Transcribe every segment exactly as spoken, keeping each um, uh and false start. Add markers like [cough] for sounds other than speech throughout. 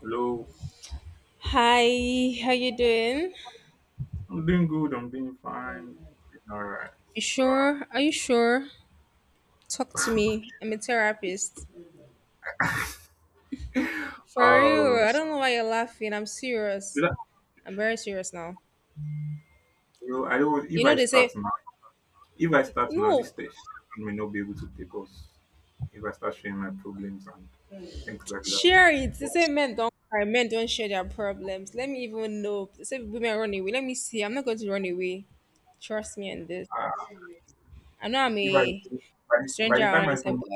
Hello, Hi, how you doing? I'm doing good. I'm doing fine. All right. You So, sure? Are you sure? Talk to me. I'm a therapist. uh, For real, um, I don't know why you're laughing. I'm you serious. know, I'm very serious now. you know, I don't. If You know I they say start now, if I start now, this no, station may not be able to take us. If I start sharing my problems and things like that, share it. They but say men don't cry, men don't share their problems. Let me even know. They say women run away. Let me see. I'm not going to run away. Trust me on this. uh, I know I'm if I by a the, by stranger the around, time I finish, but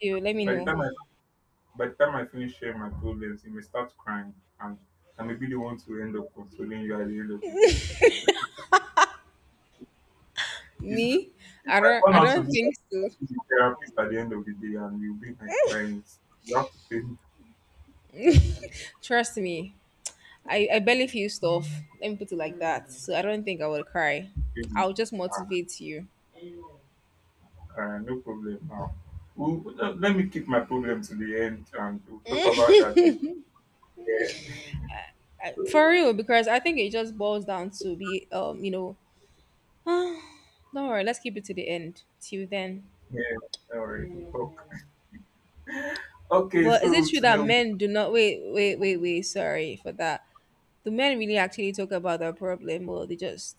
you let me by the know. time I by the time I finish sharing my problems, you may start crying, and I may be the one to end up consoling you at the end of the day. So, It's, Me? It I might don't turn I out to be don't that think I'll so. be the therapist at the end of the day and you'll be my client. You have to pay me. Trust me. I, I barely feel stuff. Let me put it like that. So I don't think I will cry. pay me. I'll just Ah, motivate you, ah, no problem now. We'll, let let me keep my problem to the end and we'll talk about that later. Yeah, for real, because I think it just boils down to be um you know [sighs] don't worry, let's keep it to the end till then. yeah, don't worry, we'll talk. Okay, But is so it true today, that we- men do not, wait, wait, wait, wait, sorry for that? Do men really actually talk about their problem, or they just...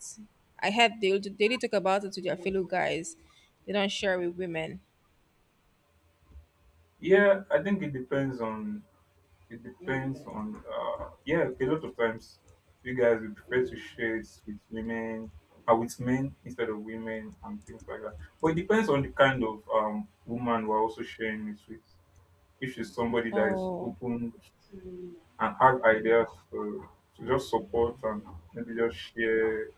I heard they they only talk about it to their fellow guys. They don't share with women. Yeah, I think it depends on It depends on, uh, yeah, a lot of times you guys would prefer to share it with women, uh, with men instead of women and things like that. But it depends on the kind of um, woman we're also sharing it with. If she's somebody that is Oh. open and has ideas to, to just support and maybe just share,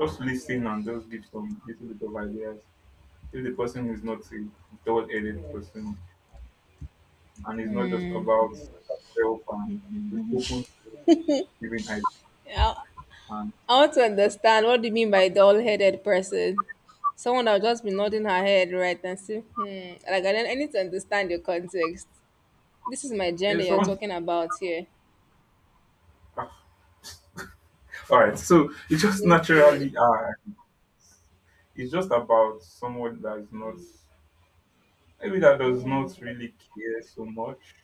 just listen and just give some little bit of ideas. If the person is not a dull-headed person and it's not just Hmm. about herself and is open to giving. I, And, I want to understand, what do you mean by doll headed person? Someone that'll just be nodding her head, right, and say, hmm? Like, I don't... I need to understand your context. This is my yeah, gender you're someone. talking about here. [laughs] All right, so it just Listening. naturally acts. It's just about someone that is not, maybe that does not really care so much,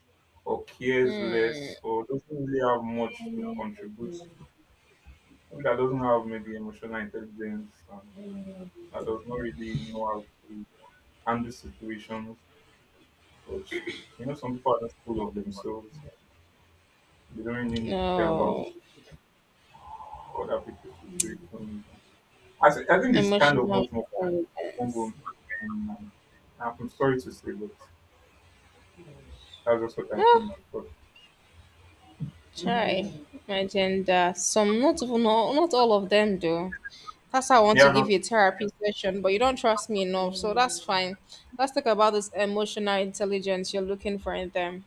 or cares Hmm. less, or doesn't really have much to contribute. Maybe that doesn't have maybe emotional intelligence, and that does not really know how to handle situations. Which you know, some people are just full of themselves. They don't really care about No. other people's situations. I, thi- I think it's kind of Emotional much more. Will. intelligence. And I'm sorry to say, but that's just what I think. Ah, But try. My gender. Some, not even all not all of them do. That's how I want they to are give not. you a therapy session, but you don't trust me enough, so that's fine. Let's talk about this emotional intelligence you're looking for in them.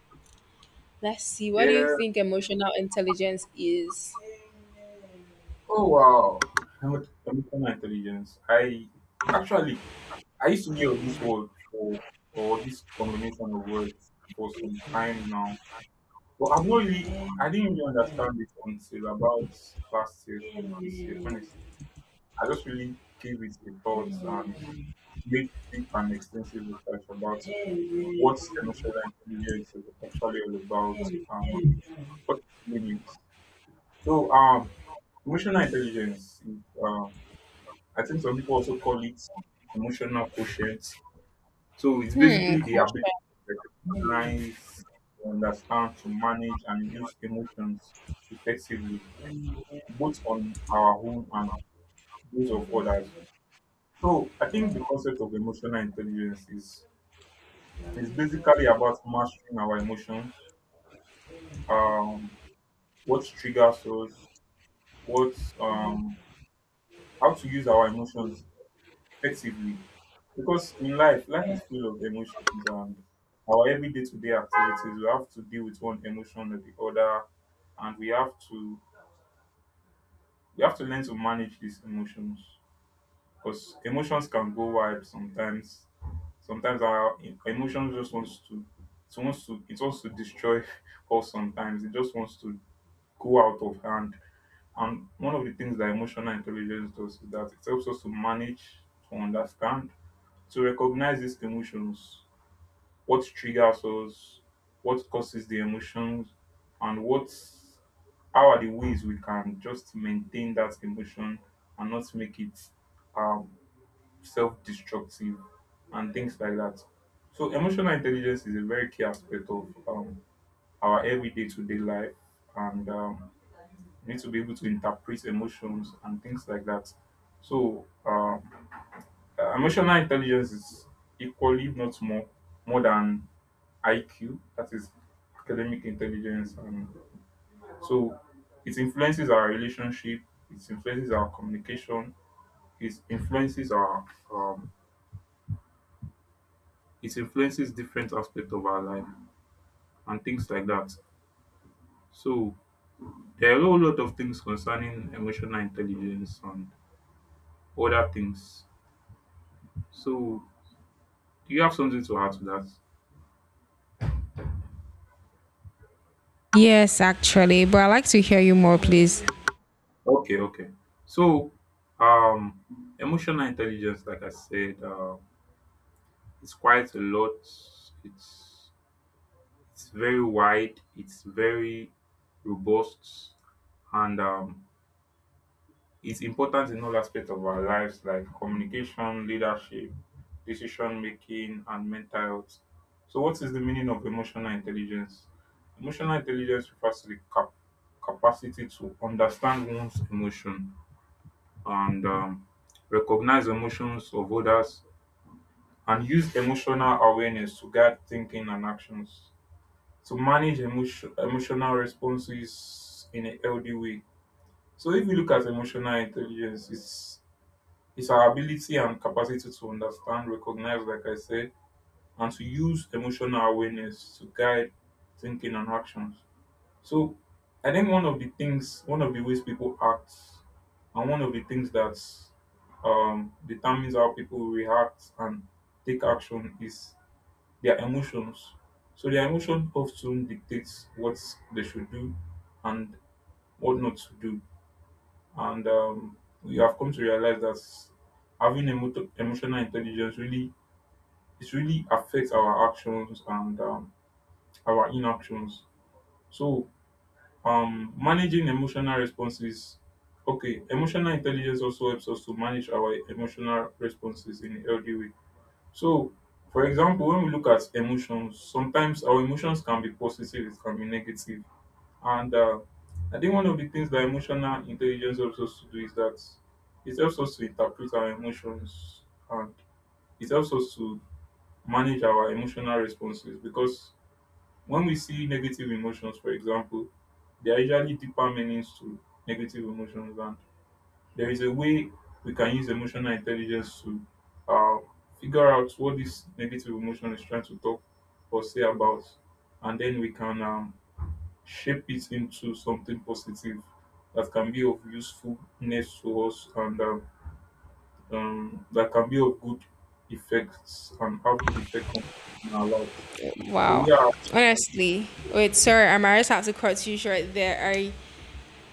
Let's see. What do you Yeah. think emotional intelligence is? Oh wow. Emo- Emotional intelligence. I, actually, I used to hear this word for, or this combination of words, for some time now. But I've not really I didn't really understand it until about last year, through this year. Honestly. I just really gave it a thought and made deep and extensive research about what emotional intelligence is actually all about, and what limits. So, um, emotional intelligence is, uh, I think some people also call it emotional quotient. So, it's Hmm, basically the ability question. to recognize, to understand, to manage, and use emotions effectively, both on our own and those of others. So, I think the concept of emotional intelligence is is basically about mastering our emotions. Um, what triggers us, what um how to use our emotions effectively. Because in life, life is full of emotions, and our everyday to day activities, we have to deal with one emotion or the other, and we have to we have to learn to manage these emotions. Because emotions can go wild sometimes. Sometimes our e- emotions just wants to it wants to it wants to destroy [laughs] us sometimes. It just wants to go out of hand. And one of the things that emotional intelligence does is that it helps us to manage, to understand, to recognize these emotions, what triggers us, what causes the emotions, and what how are the ways we can just maintain that emotion and not make it um, self-destructive and things like that. So emotional intelligence is a very key aspect of um, our everyday to day life, and um, you need to be able to interpret emotions and things like that. So, um, uh, emotional intelligence is equally, if not more, more than I Q. That is academic intelligence, and so it influences our relationship. It influences our communication. It influences our. Um, it influences different aspects of our life and things like that. So there are a whole lot of things concerning emotional intelligence and other things. So, do you have something to add to that? Yes, actually, but I'd like to hear you more, please. Okay, okay. So, um, emotional intelligence, like I said, uh, it's quite a lot. It's it's very wide. It's very robust, and um, it's important in all aspects of our lives, like communication, leadership, decision making, and mental health. So, what is the meaning of emotional intelligence? Emotional intelligence refers to the cap- capacity to understand one's emotion, and um, recognize emotions of others, and use emotional awareness to guide thinking and actions, to manage emotion, emotional responses in a healthy way. So if you look at emotional intelligence, it's it's our ability and capacity to understand, recognize, like I said, and to use emotional awareness to guide thinking and actions. So I think one of the things, one of the ways people act, and one of the things that um, determines how people react and take action, is their emotions. So their emotion often dictates what they should do and what not to do. And um, we have come to realize that having emo- emotional intelligence really, it really affects our actions and um, our inactions. So, Um, managing emotional responses. Okay, emotional intelligence also helps us to manage our emotional responses in a healthy way. So, for example, when we look at emotions, sometimes our emotions can be positive, it can be negative. And uh, I think one of the things that emotional intelligence helps us to do is that it helps us to interpret our emotions, and it helps us to manage our emotional responses, because when we see negative emotions, for example, there are usually deeper meanings to negative emotions, and there is a way we can use emotional intelligence to uh, figure out what this negative emotion is trying to talk or say about, and then we can um, shape it into something positive that can be of usefulness to us, and um, um, that can be of good effects and have good effect on our lives. So Wow. yeah. Honestly, wait, sorry, I might just have to cut you short there. I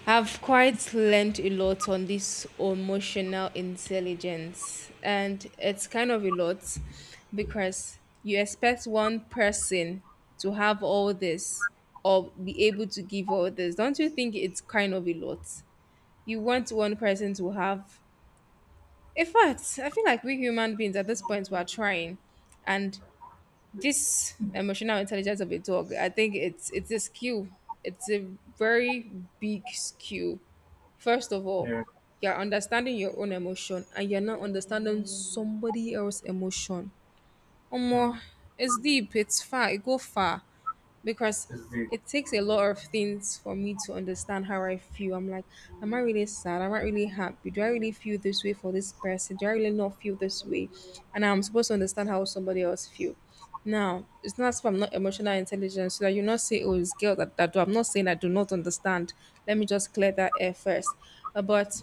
have quite learned a lot on this emotional intelligence, and it's kind of a lot, because you expect one person to have all this, or be able to give all this. Don't you think it's kind of a lot you want one person to have? In fact, I feel like we human beings at this point, we are trying, and this emotional intelligence of a dog, I think it's it's a skill. It's a very big skill. First of all, Yeah. you're understanding your own emotion, and you're not understanding somebody else's emotion. Mm. Omo, it's deep. It's far. It go far, because is the it takes a lot of things for me to understand how I feel. I'm like, am I really sad? Am I really happy? Do I really feel this way for this person? Do I really not feel this way? And I'm supposed to understand how somebody else feel. Now, it's not as if I'm not emotional intelligence, so that you not say, oh, it's girl that, that do. I'm not saying I do not understand. Let me just clear that air first. Uh, But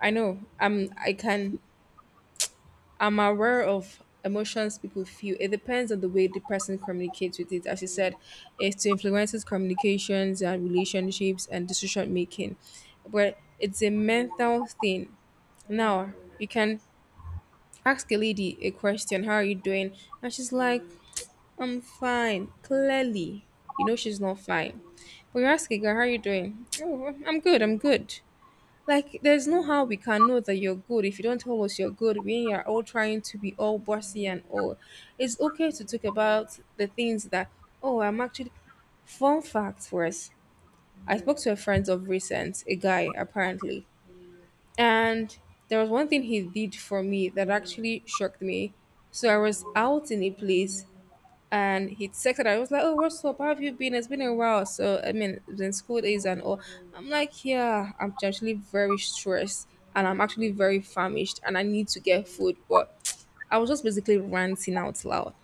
I know I'm I can I'm aware of emotions people feel. It depends on the way the person communicates with it. As you said, it influences communications and relationships and decision making. But it's a mental thing. Now, you can ask a lady a question, how are you doing? And she's like, I'm fine. Clearly. You know she's not fine. But you ask a girl, how are you doing? Oh, I'm good, I'm good. Like, there's no how we can know that you're good if you don't tell us you're good when you're all trying to be all bossy and all. It's okay to talk about the things that, oh, I'm actually... Fun fact for us, I spoke to a friend of recent, a guy apparently, and there was one thing he did for me that actually shocked me. So I was out in a place and he texted her. I was like, "Oh, what's up? How have you been? It's been a while." So I mean, then school days and all. I'm like, "Yeah, I'm actually very stressed, and I'm actually very famished, and I need to get food." But [tsk] I was just basically ranting out loud.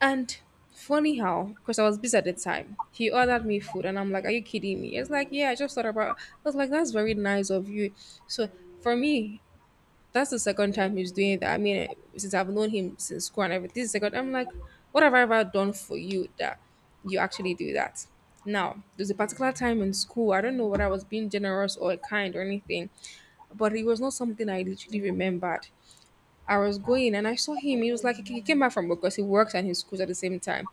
And funny how, because I was busy at the time, he ordered me food, and I'm like, "Are you kidding me?" It's like, "Yeah, I just thought about." I was like, "That's very nice of you." So for me, that's the second time he's doing that. I mean, since I've known him since school and everything, this is the second. I'm like, what have I ever done for you that you actually do that? Now, there's a particular time in school. I don't know whether I was being generous or kind or anything, but it was not something I literally remembered. I was going and I saw him. He was like, he came back from work, because he works and his schools at the same time.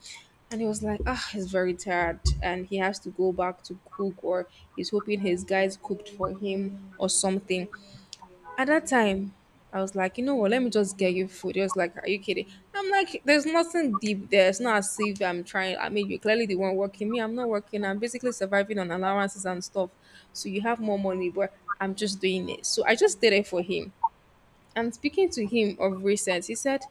And he was like, ah, he's very tired and he has to go back to cook, or he's hoping his guys cooked for him or something. At that time, I was like, you know what, let me just get you food. He was like, are you kidding? I'm like, there's nothing deep there. It's not as if I'm trying. I mean, you're clearly the one working. Me, I'm not working. I'm basically surviving on allowances and stuff. So you have more money, but I'm just doing it. So I just did it for him. And speaking to him of recent, he said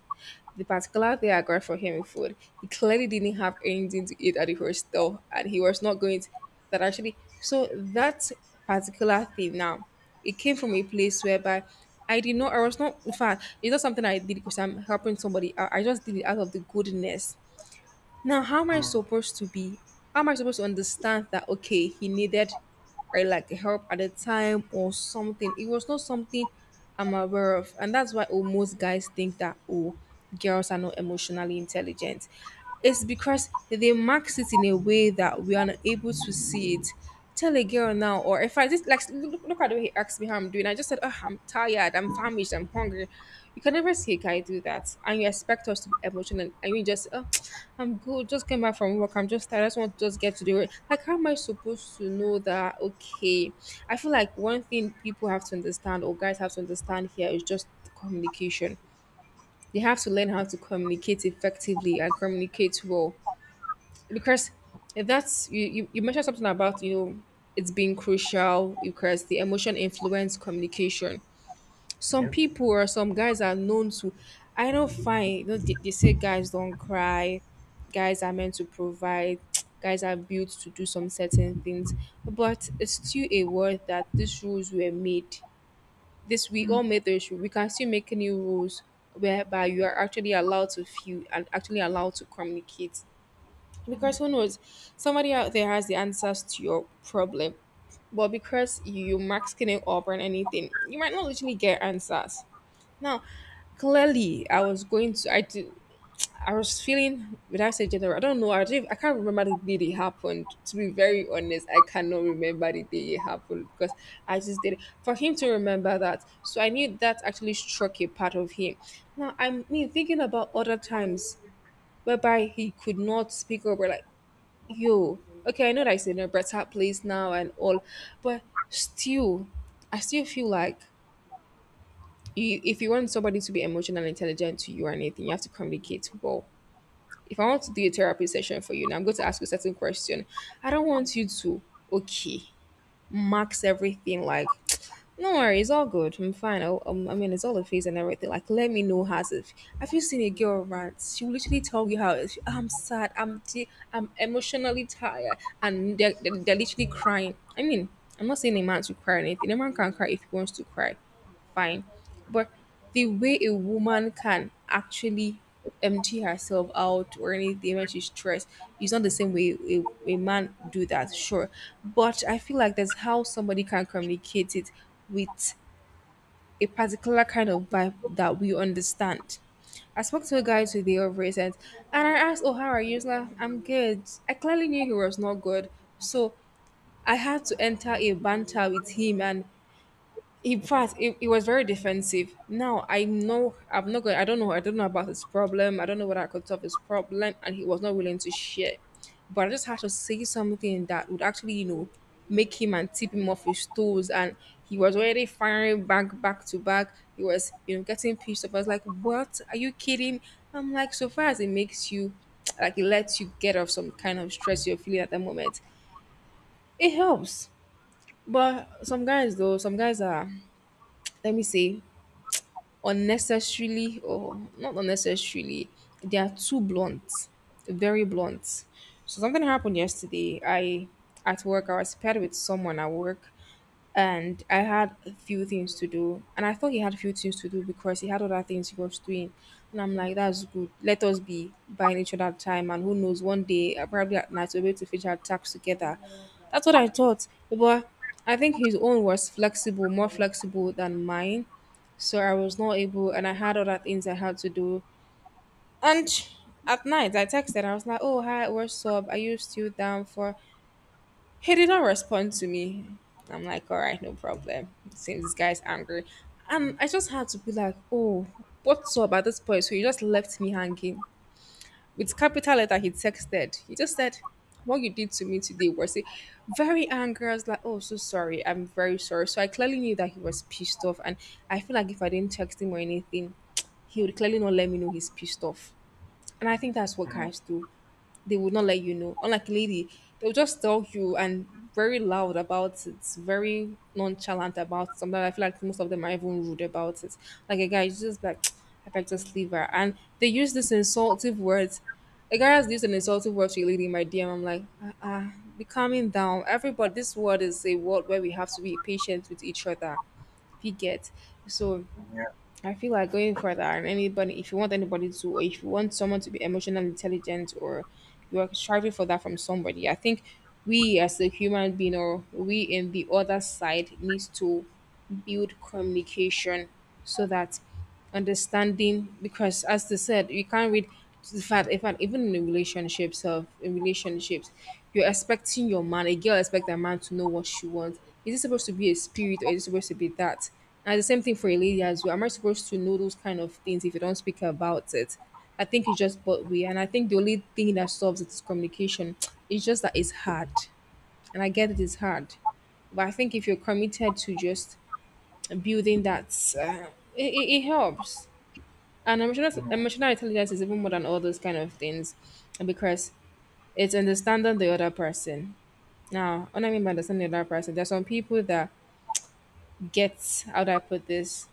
the particular day I got for him food, he clearly didn't have anything to eat at the hostel and he was not going to... that actually... so that particular thing now, it came from a place whereby I did not, I was not... in fact, it's not something I did because I'm helping somebody out. I just did it out of the goodness. Now, how am I Mm. supposed to be? How am I supposed to understand that, okay, he needed or like help at the time or something? It was not something I'm aware of, and that's why, oh, most guys think that, oh, girls are not emotionally intelligent. It's because they max it in a way that we are not able to see it. Tell a girl now, or if I just like, look, look at the way he asked me how I'm doing, I just said, oh, I'm tired, I'm famished, I'm hungry. You can never see a guy do that, and you expect us to be emotional. And you just, oh, [tsk] I'm good, just came back from work, I'm just tired, I just want to just get to the work. Like, how am I supposed to know that, okay? I feel like one thing people have to understand, or guys have to understand here, is just communication. They have to learn how to communicate effectively and communicate well, because if that's you, you, you, mentioned something about, you know it's being crucial, because the emotion influence communication. Some Yeah. people or some guys are known to... I know, fine. You know, they, they say guys don't cry, guys are meant to provide, [tsk] guys are built to do some certain things. But it's still a word, that these rules were made, this, we Mm. all made those rules, we can still make new rules, whereby you are actually allowed to feel and actually allowed to communicate, Mm. because who knows, somebody out there has the answers to your problem. But because you masking it up and anything, you might not literally get answers. Now, clearly, I was going to, I do, I was feeling, would I say general? I don't know. I don't, I can't remember the day it happened. To be very honest, I cannot remember the day it happened, because I just did it. For him to remember that, so I knew that actually struck a part of him. Now, I mean, thinking about other times whereby he could not speak up, or like, yo, okay, I know that it's in a better place now and all, but still, I still feel like, you, if you want somebody to be emotionally intelligent to you or anything, you have to communicate well. If I want to do a therapy session for you and I'm going to ask you a certain question, I don't want you to, okay, marks everything like [tsk] no worry, it's all good. I'm fine. I, um, I mean, it's all a phase and everything. Like, let me know how's it. Have you seen a girl rant? She will literally tell you how it's- I'm sad, I'm de- I'm emotionally tired, and they're, they're, they're literally crying. I mean, I'm not saying a man should cry or anything. A man can cry if he wants to cry, fine. But the way a woman can actually empty herself out or anything when she's stressed is not the same way a, a man do that, sure. But I feel like that's how somebody can communicate it with a particular kind of vibe that we understand. I spoke to a guy today of recent, and I asked, "Oh, how are you?" He's like, "I'm good." I clearly knew he was not good. So I had to enter a banter with him, and he passed. it it was very defensive. Now I know I'm not going. I don't know. I don't know about his problem. I don't know whether I could solve his problem, and he was not willing to share. But I just had to say something that would actually, you know, make him and tip him off his toes. And he was already firing back, back to back. He was, you know, getting pissed off. I was like, "What? Are you kidding?" I'm like, so far as it makes you, like, it lets you get off some kind of stress you're feeling at the moment. It helps. But some guys, though, some guys are, let me say, unnecessarily or not unnecessarily, they are too blunt, very blunt. So something happened yesterday. I At work, i was paired with someone at work, and I had a few things to do, and I thought he had a few things to do because he had other things he was doing. And I'm like, that's good, let us be buying each other time, and who knows, one day, uh, probably at night, we'll be able to finish our tasks together. That's what I thought. But I think his own was flexible, more flexible than mine. So I was not able, and I had other things I had to do. And at night, I texted. I was like, "Oh, hi, what's up? Are you still down for." He did not respond to me. I'm like, all right, no problem. Seems this guy's angry. And I just had to be like, "Oh, what's up?" At this point, so he just left me hanging. With capital letter, he texted. He just said, "What you did to me today was it, very angry." I was like, "Oh, so sorry. I'm very sorry." So I clearly knew that he was pissed off, and I feel like if I didn't text him or anything, he would clearly not let me know he's pissed off. And I think that's what Mm. guys do. They would not let you know. Unlike lady, they'll just tell you, and very loud about it, very nonchalant about something. I feel like most of them are even rude about it. Like a guy is just like, [tsk] I beg just leave her. And they use this insultive words. A guy has used an insultive word to a lady in my D M. I'm like, ah, ah, be calming down. Everybody, this world is a world where we have to be patient with each other. If you get, so Yeah. I feel like going further, and anybody, if you want anybody to, or if you want someone to be emotionally intelligent, or you are striving for that from somebody, I think we as a human being, or we in the other side, needs to build communication so that understanding, because as they said, you can't read the fact. In fact, even in relationships, of in relationships, you're expecting your man, a girl expect a man to know what she wants. Is it supposed to be a spirit, or is it supposed to be that? And the same thing for a lady as well. Am I supposed to know those kind of things if you don't speak about it? I think it's just what we, and I think the only thing that solves it is communication. [tsk] It's just that it's hard, and I get it is hard. But I think if you're committed to just building that, uh, it, it it helps. And emotional, Mm. emotional intelligence is even more than all those kind of things, because it's understanding the other person. Now, what I mean by understanding the other person, there's some people that get, how do I put this,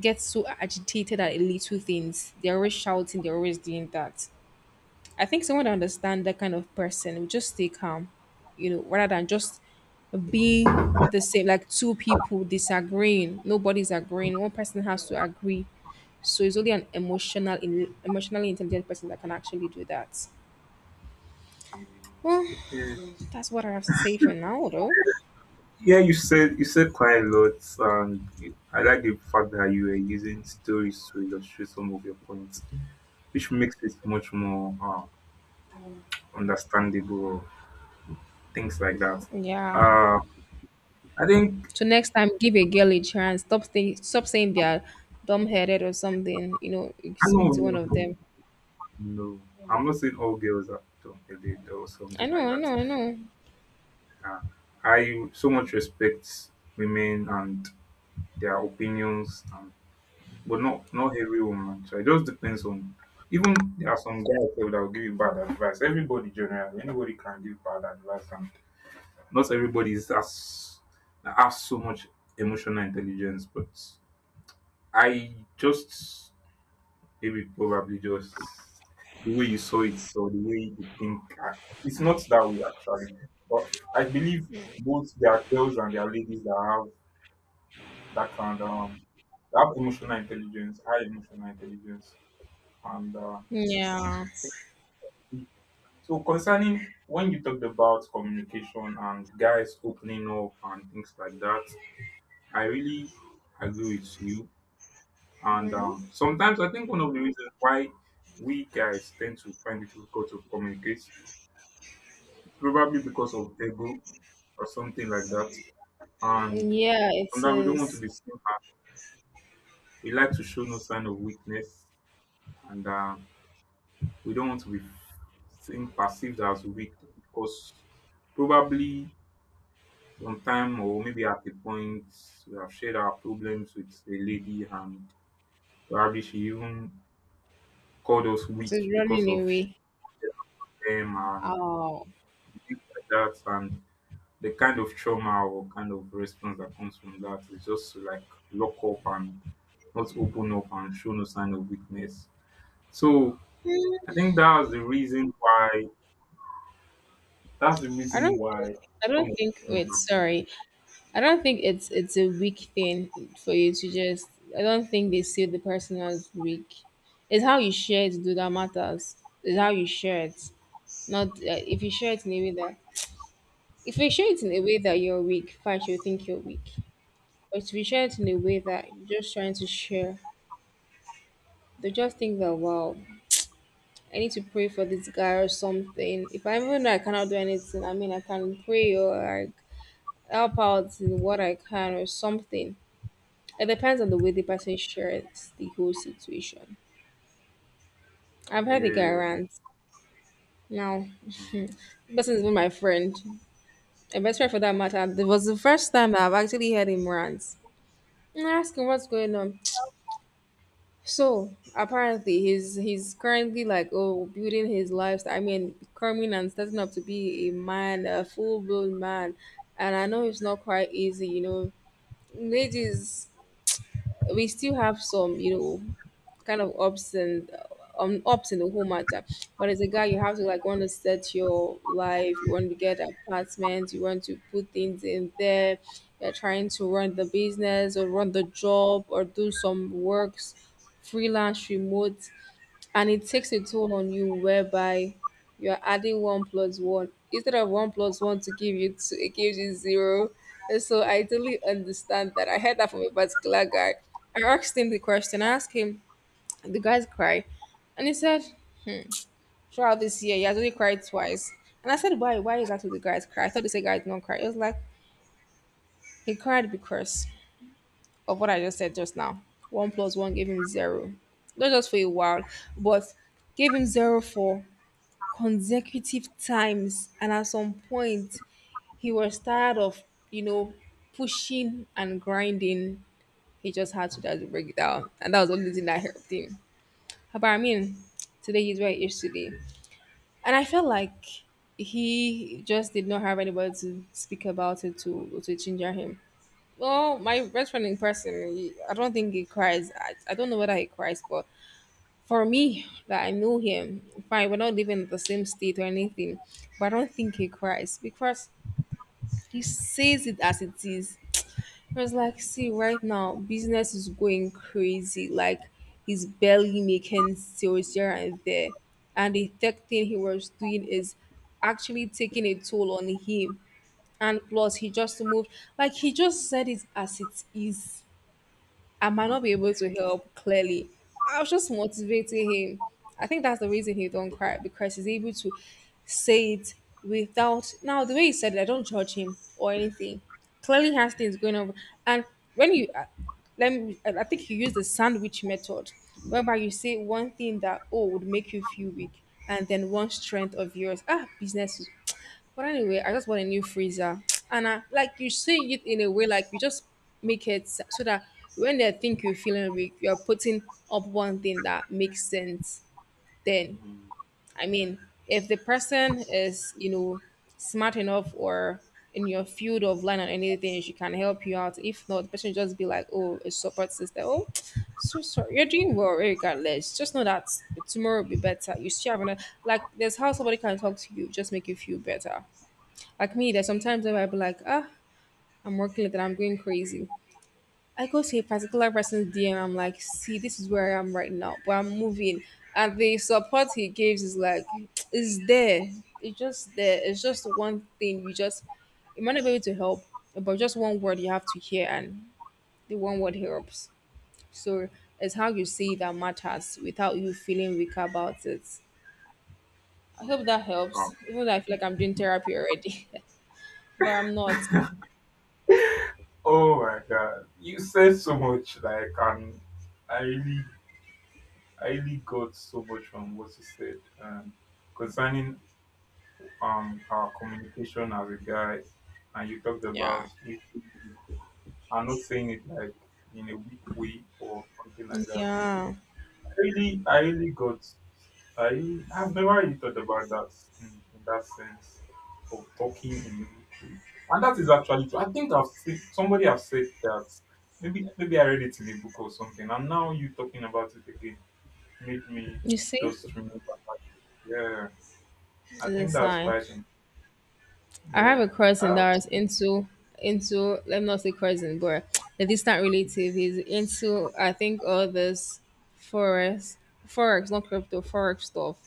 get so agitated at little things. They're always shouting, they're always doing that. I think someone that understands that kind of person will just stay calm, you know, rather than just being the same, like two people disagreeing. Nobody's agreeing. One person has to agree. So it's only an emotional, emotionally intelligent person that can actually do that. Well, Yeah. that's what I have to say for now, though. Yeah, you said you said quite a lot, and you- I like the fact that you were using stories to illustrate some of your points, which makes it much more, uh, understandable, things like that. Yeah. Uh, I think So next time, give a girl a chance. Stop saying, stop saying they are dumb-headed or something. You know, you I know, speak to one no, of no, them. no. I'm not saying all girls are dumb headed or I something like know, I know, that. I know. Uh, I so much respect women and their opinions, but not not every woman. So it just depends on. Even there are some guys sef that will give you bad advice. Everybody generally, anybody can give bad advice, and not everybody is as, that has so much emotional intelligence. But I just, maybe probably just the way you saw it, so the way you think. uh, It's not that way actually, but I believe, both there are girls and there are ladies that have that kind of um, that have emotional intelligence, high emotional intelligence. And uh, Yeah. thank you. So, concerning when you talked about communication and guys opening up and things like that, I really agree with you. And um, sometimes I think one of the reasons why we guys tend to find it difficult to communicate is probably because of ego or something like that. And Yeah, it sometimes we don't want to is. be seen as, we like to show no sign of weakness, and uh, we don't want to be seen, perceived as weak, because probably sometime or maybe at a point we have shared our problems with a lady, and probably she even called us It weak is because running of away. shame and Oh, things like that, and the kind of trauma or kind of response that comes from that is just to, like, lock up and not open up and show no sign of weakness. So I think that's the reason why that's the I reason don't think. why I some of don't these think. things Wait, happen. sorry. I don't think it's it's a weak thing for you to just. I don't think they see the person as weak. It's how you share it do that matters. It's how you share it. Not uh, if you share it in a way that, if you share it in a way that you're weak, fine, she'll think you're weak. But if you share it in a way that you're just trying to share, they just think that wow, I need to pray for this guy or something. If I even know I cannot do anything, I mean, I can pray, or like help out in what I can or something. It depends on the way the person shares the whole situation. I've heard the guy Yeah. rant. Now, [laughs] Mm. the person is my friend, a best friend for that matter. It was the first time I've actually heard him rant. And I asked him what's going on. So apparently he's he's currently like, oh, building his lifestyle. I mean coming and starting up to be a man, a full blown man. And I know it's not quite easy, you know. Ladies, we still have some, you know, kind of ups and um ups in the whole matter. But as a guy, you have to like want to set your life. You want to get apartment. You want to put things in there. You're trying to run the business or run the job or do some works, freelance, remote. And it takes a toll on you whereby you're adding one plus one, instead of one plus one to give you two, it gives you zero. And so I totally understand that. I heard that from a particular guy. I asked him the question. I asked him, the guy's cry, and he said, "Hmm, throughout this year, he has only cried twice." And I said, "Why? Why is that? What, the guys cry?" I thought they said guys don't cry. It was like he cried because of what I just said just now. One plus one gave him zero, not just for a while, but gave him zero for consecutive times, and at some point he was tired of you know pushing and grinding. He just had to Mm. just break it down, and that was the only thing that helped him. But I mean, today he's where he is today. And I felt like he just did not have anybody to speak about it to to ginger him. Well, my best friend in person, he, i don't think he cries. I, I don't know whether he cries, but for me, that I know him, fine, we're not living in the same state or anything, but I don't think he cries because he says it as it is. I was like, see, right now, business is going crazy. Like, he's barely making sales here and there. And the tech thing he was doing is actually taking a toll on him. And plus, he just moved. Like, he just said it as it is. I Mm. might not be Mm. able to help clearly. I was just motivating him. I think that's the reason he don't cry, because he's able to say it without. Now, the way he said it, I don't judge him or anything. Clearly has things going on, and when you uh, let me, I I think you use the sandwich method, whereby you say one thing that, oh, would make you feel weak, and then one strength of yours. Ah, business, but anyway, I just want a new freezer. [tsk] And I, like you say it in a way like you just make it s- so that when they think you're feeling weak, you're putting up one thing that makes sense. Then, Mm. I mean, if the person is, you know, smart enough or in your field of line or anything, she can help you out. If not, the person just be like, oh, a support system. Oh, [tsk] so sorry. You're doing well regardless. Just know that tomorrow will be better. You still have another, like, there's how somebody can talk to you, just make you feel better. Like me, there's sometimes where I'll be like, ah, I'm working late and I'm going crazy. I go to a particular person's D M, I'm like, see, this is where I am right now, but I'm moving. And the support he gives is like, [tsk] it's there. It's just there. It's just one thing. You just, you might not be able to help, but just one word you have to hear, and the one word helps. So it's how you say that matters without you feeling weak about it. I Mm. hope that helps. Wow. Even though I feel like I'm doing therapy already, [laughs] but I'm not. Oh my god, you said so much. Like, um, I really, I really got so much from what you said, um, concerning um our communication as a guy, and you talked about Yeah. we. I'm not saying it like in a weak way or something like that. Yeah. Really, I really got, I have never really thought about that in, in that sense, of talking in a book way. And that is actually true. I think I've seen somebody have said that, maybe maybe I read it in a book or something, and now you talking about it again made me You see, just remember that. Yeah, it's I a think that's sign. quite, an- I have a yeah. cousin Oh, that is into into let me not say cousin, but a distant relative. He's into I think all this forex, forex, not crypto, forex stuff,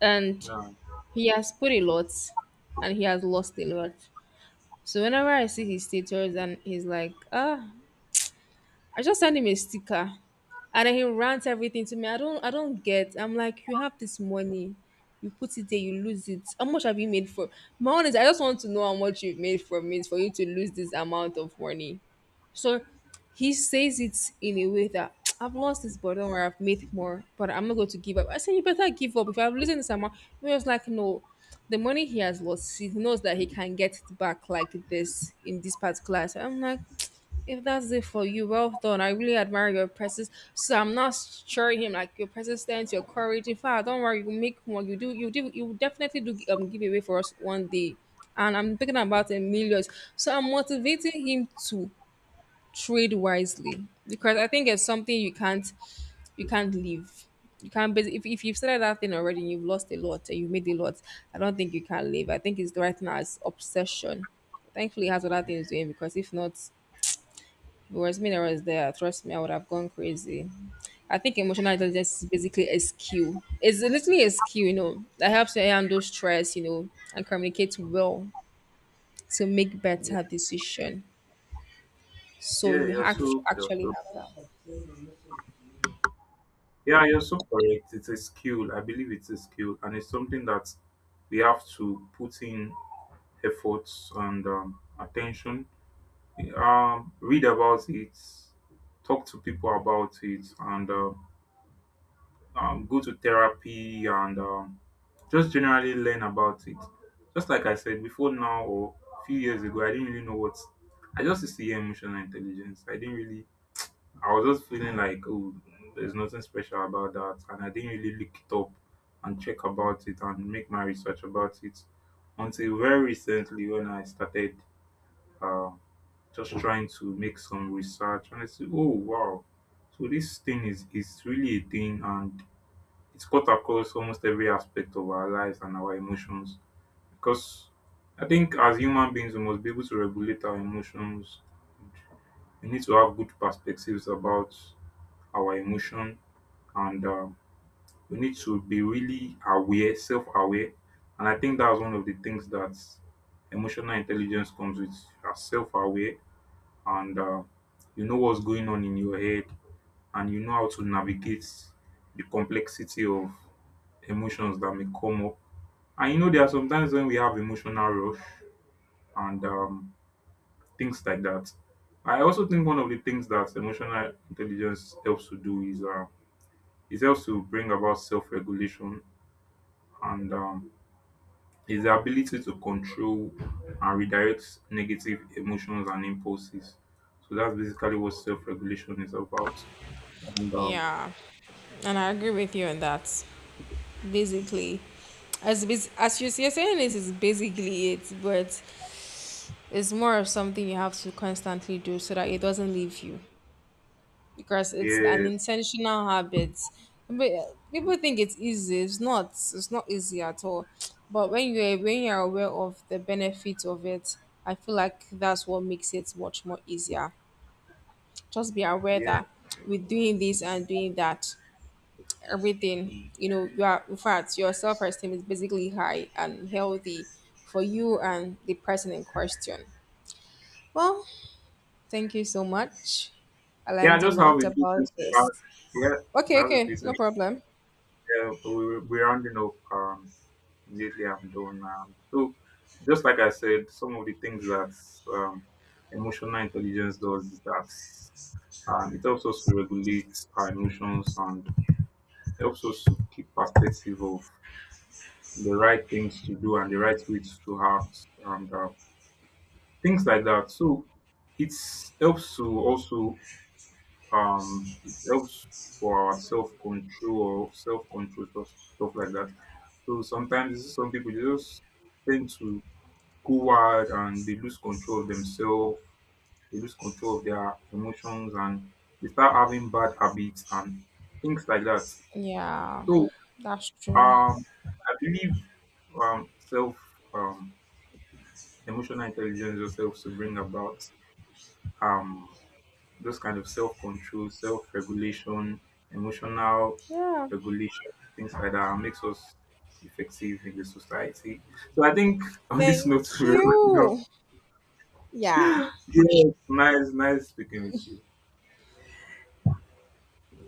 and he has put a lot, and he has lost a lot. So whenever I see his status and he's like, ah, I just sent him a sticker and then he rants everything to me. I don't I don't get. I'm like, you have this money, you put it there, you lose it. How much have you made for my own is I just want to know how much you've made from it for you to lose this amount of money. So he says it in a way that [tsk] I've lost this burden or I've made more, but I'm not going to give up. I said you better give up. If I have losing this amount, he was like, no. The money he has lost, he knows that he can get it back like this in this particular. So I'm like, if that's it for you, well done. I really admire your presence. So I'm not sure him like your persistence, your courage. In fact, don't worry, you make more. You do, you do, you definitely do um, give away for us one day. And I'm thinking about in millions. So I'm motivating him to trade wisely because I think it's something you can't, you can't leave. You can't basi- if if you've started that thing already, and you've lost a lot and you've made a lot. I don't think you can leave. I think it's right now it's obsession. Thankfully, he has other things doing because if not, if it was me that was there, trust me, I would have gone crazy. I think emotional intelligence is basically a skill. It's literally a skill, you know, that helps you handle stress, you know, and communicate well to make yeah, better decision. So yeah, you you're have to so, you're actually so, have that. yeah, you're so correct. It's a skill. I believe it's a skill, and it's something that we have to put in efforts and, um, attention. Um, read about it, talk to people about it, and uh, um, go to therapy, and um, just generally learn about it. Just like I said before now, or a few years ago, I didn't really know what. I just used to hear emotional intelligence. I didn't really, I was just feeling like, oh, there's nothing special about that. And I didn't really look it up and check about it and make my research about it until very recently when I started. Um, just trying to make some research, and I said, oh wow. So this thing is is really a thing, and it's cut across almost every aspect of our lives and our emotions. Because I think as human beings we must be able to regulate our emotions. We need to have good perspectives about our emotion, and um, we need to be really aware, self aware. And I think that's one of the things that emotional intelligence comes with. You are self aware, and uh, you know what's going on in your head, and you know how to navigate the complexity of emotions that may come up. And you know, there are sometimes when we have emotional rush and um, things like that. I also think one of the things that emotional intelligence helps to do is, uh, it helps to bring about self-regulation, and um, is the ability to control and redirect negative emotions and impulses. So that's basically what self-regulation is about. And um, Yeah, and I agree with you on that. Basically, as bas- as you- you're saying, this is basically it, but it's more of something you have to constantly do so that it doesn't leave you. Because it's an yes. intentional habit. But uh, Mm. People think it's easy. It's not. It's not easy at all. But when you're when you're aware of the benefit of it, I feel like that's what makes it much more easier. Just be aware Yeah. that with doing this and doing that, everything Mm. you know, you are in fact your self esteem is basically high and healthy for you and the person in question. Well, thank you so much. I Yeah. I learned a just have lot a few about things to add. this. Yeah, I Okay, have a few okay, no things. problem. Yeah, but we, we're rounding up. Um, immediately I'm done now. So just like I said, some of the things that um, emotional intelligence does is that um, it helps us to regulate our emotions and helps us to keep perspective of the right things to do and the right ways to act, and uh, things like that. So it helps to also, um it helps for our self control or self control stuff, stuff, like that. So sometimes you see some people, they just tend to go wild and they lose control of themselves, they lose control of their emotions, and they start having bad habits and things like that. Yeah, So, that's true. um I believe um self um emotional intelligence yourself, to bring about, um those kind of self-control, self-regulation, emotional Yeah, regulation, things like that, makes us effective in the society. So I think [laughs] on this note, [laughs] thank we're wrapping you. Yeah. up. [laughs] Yes, nice, nice speaking with you.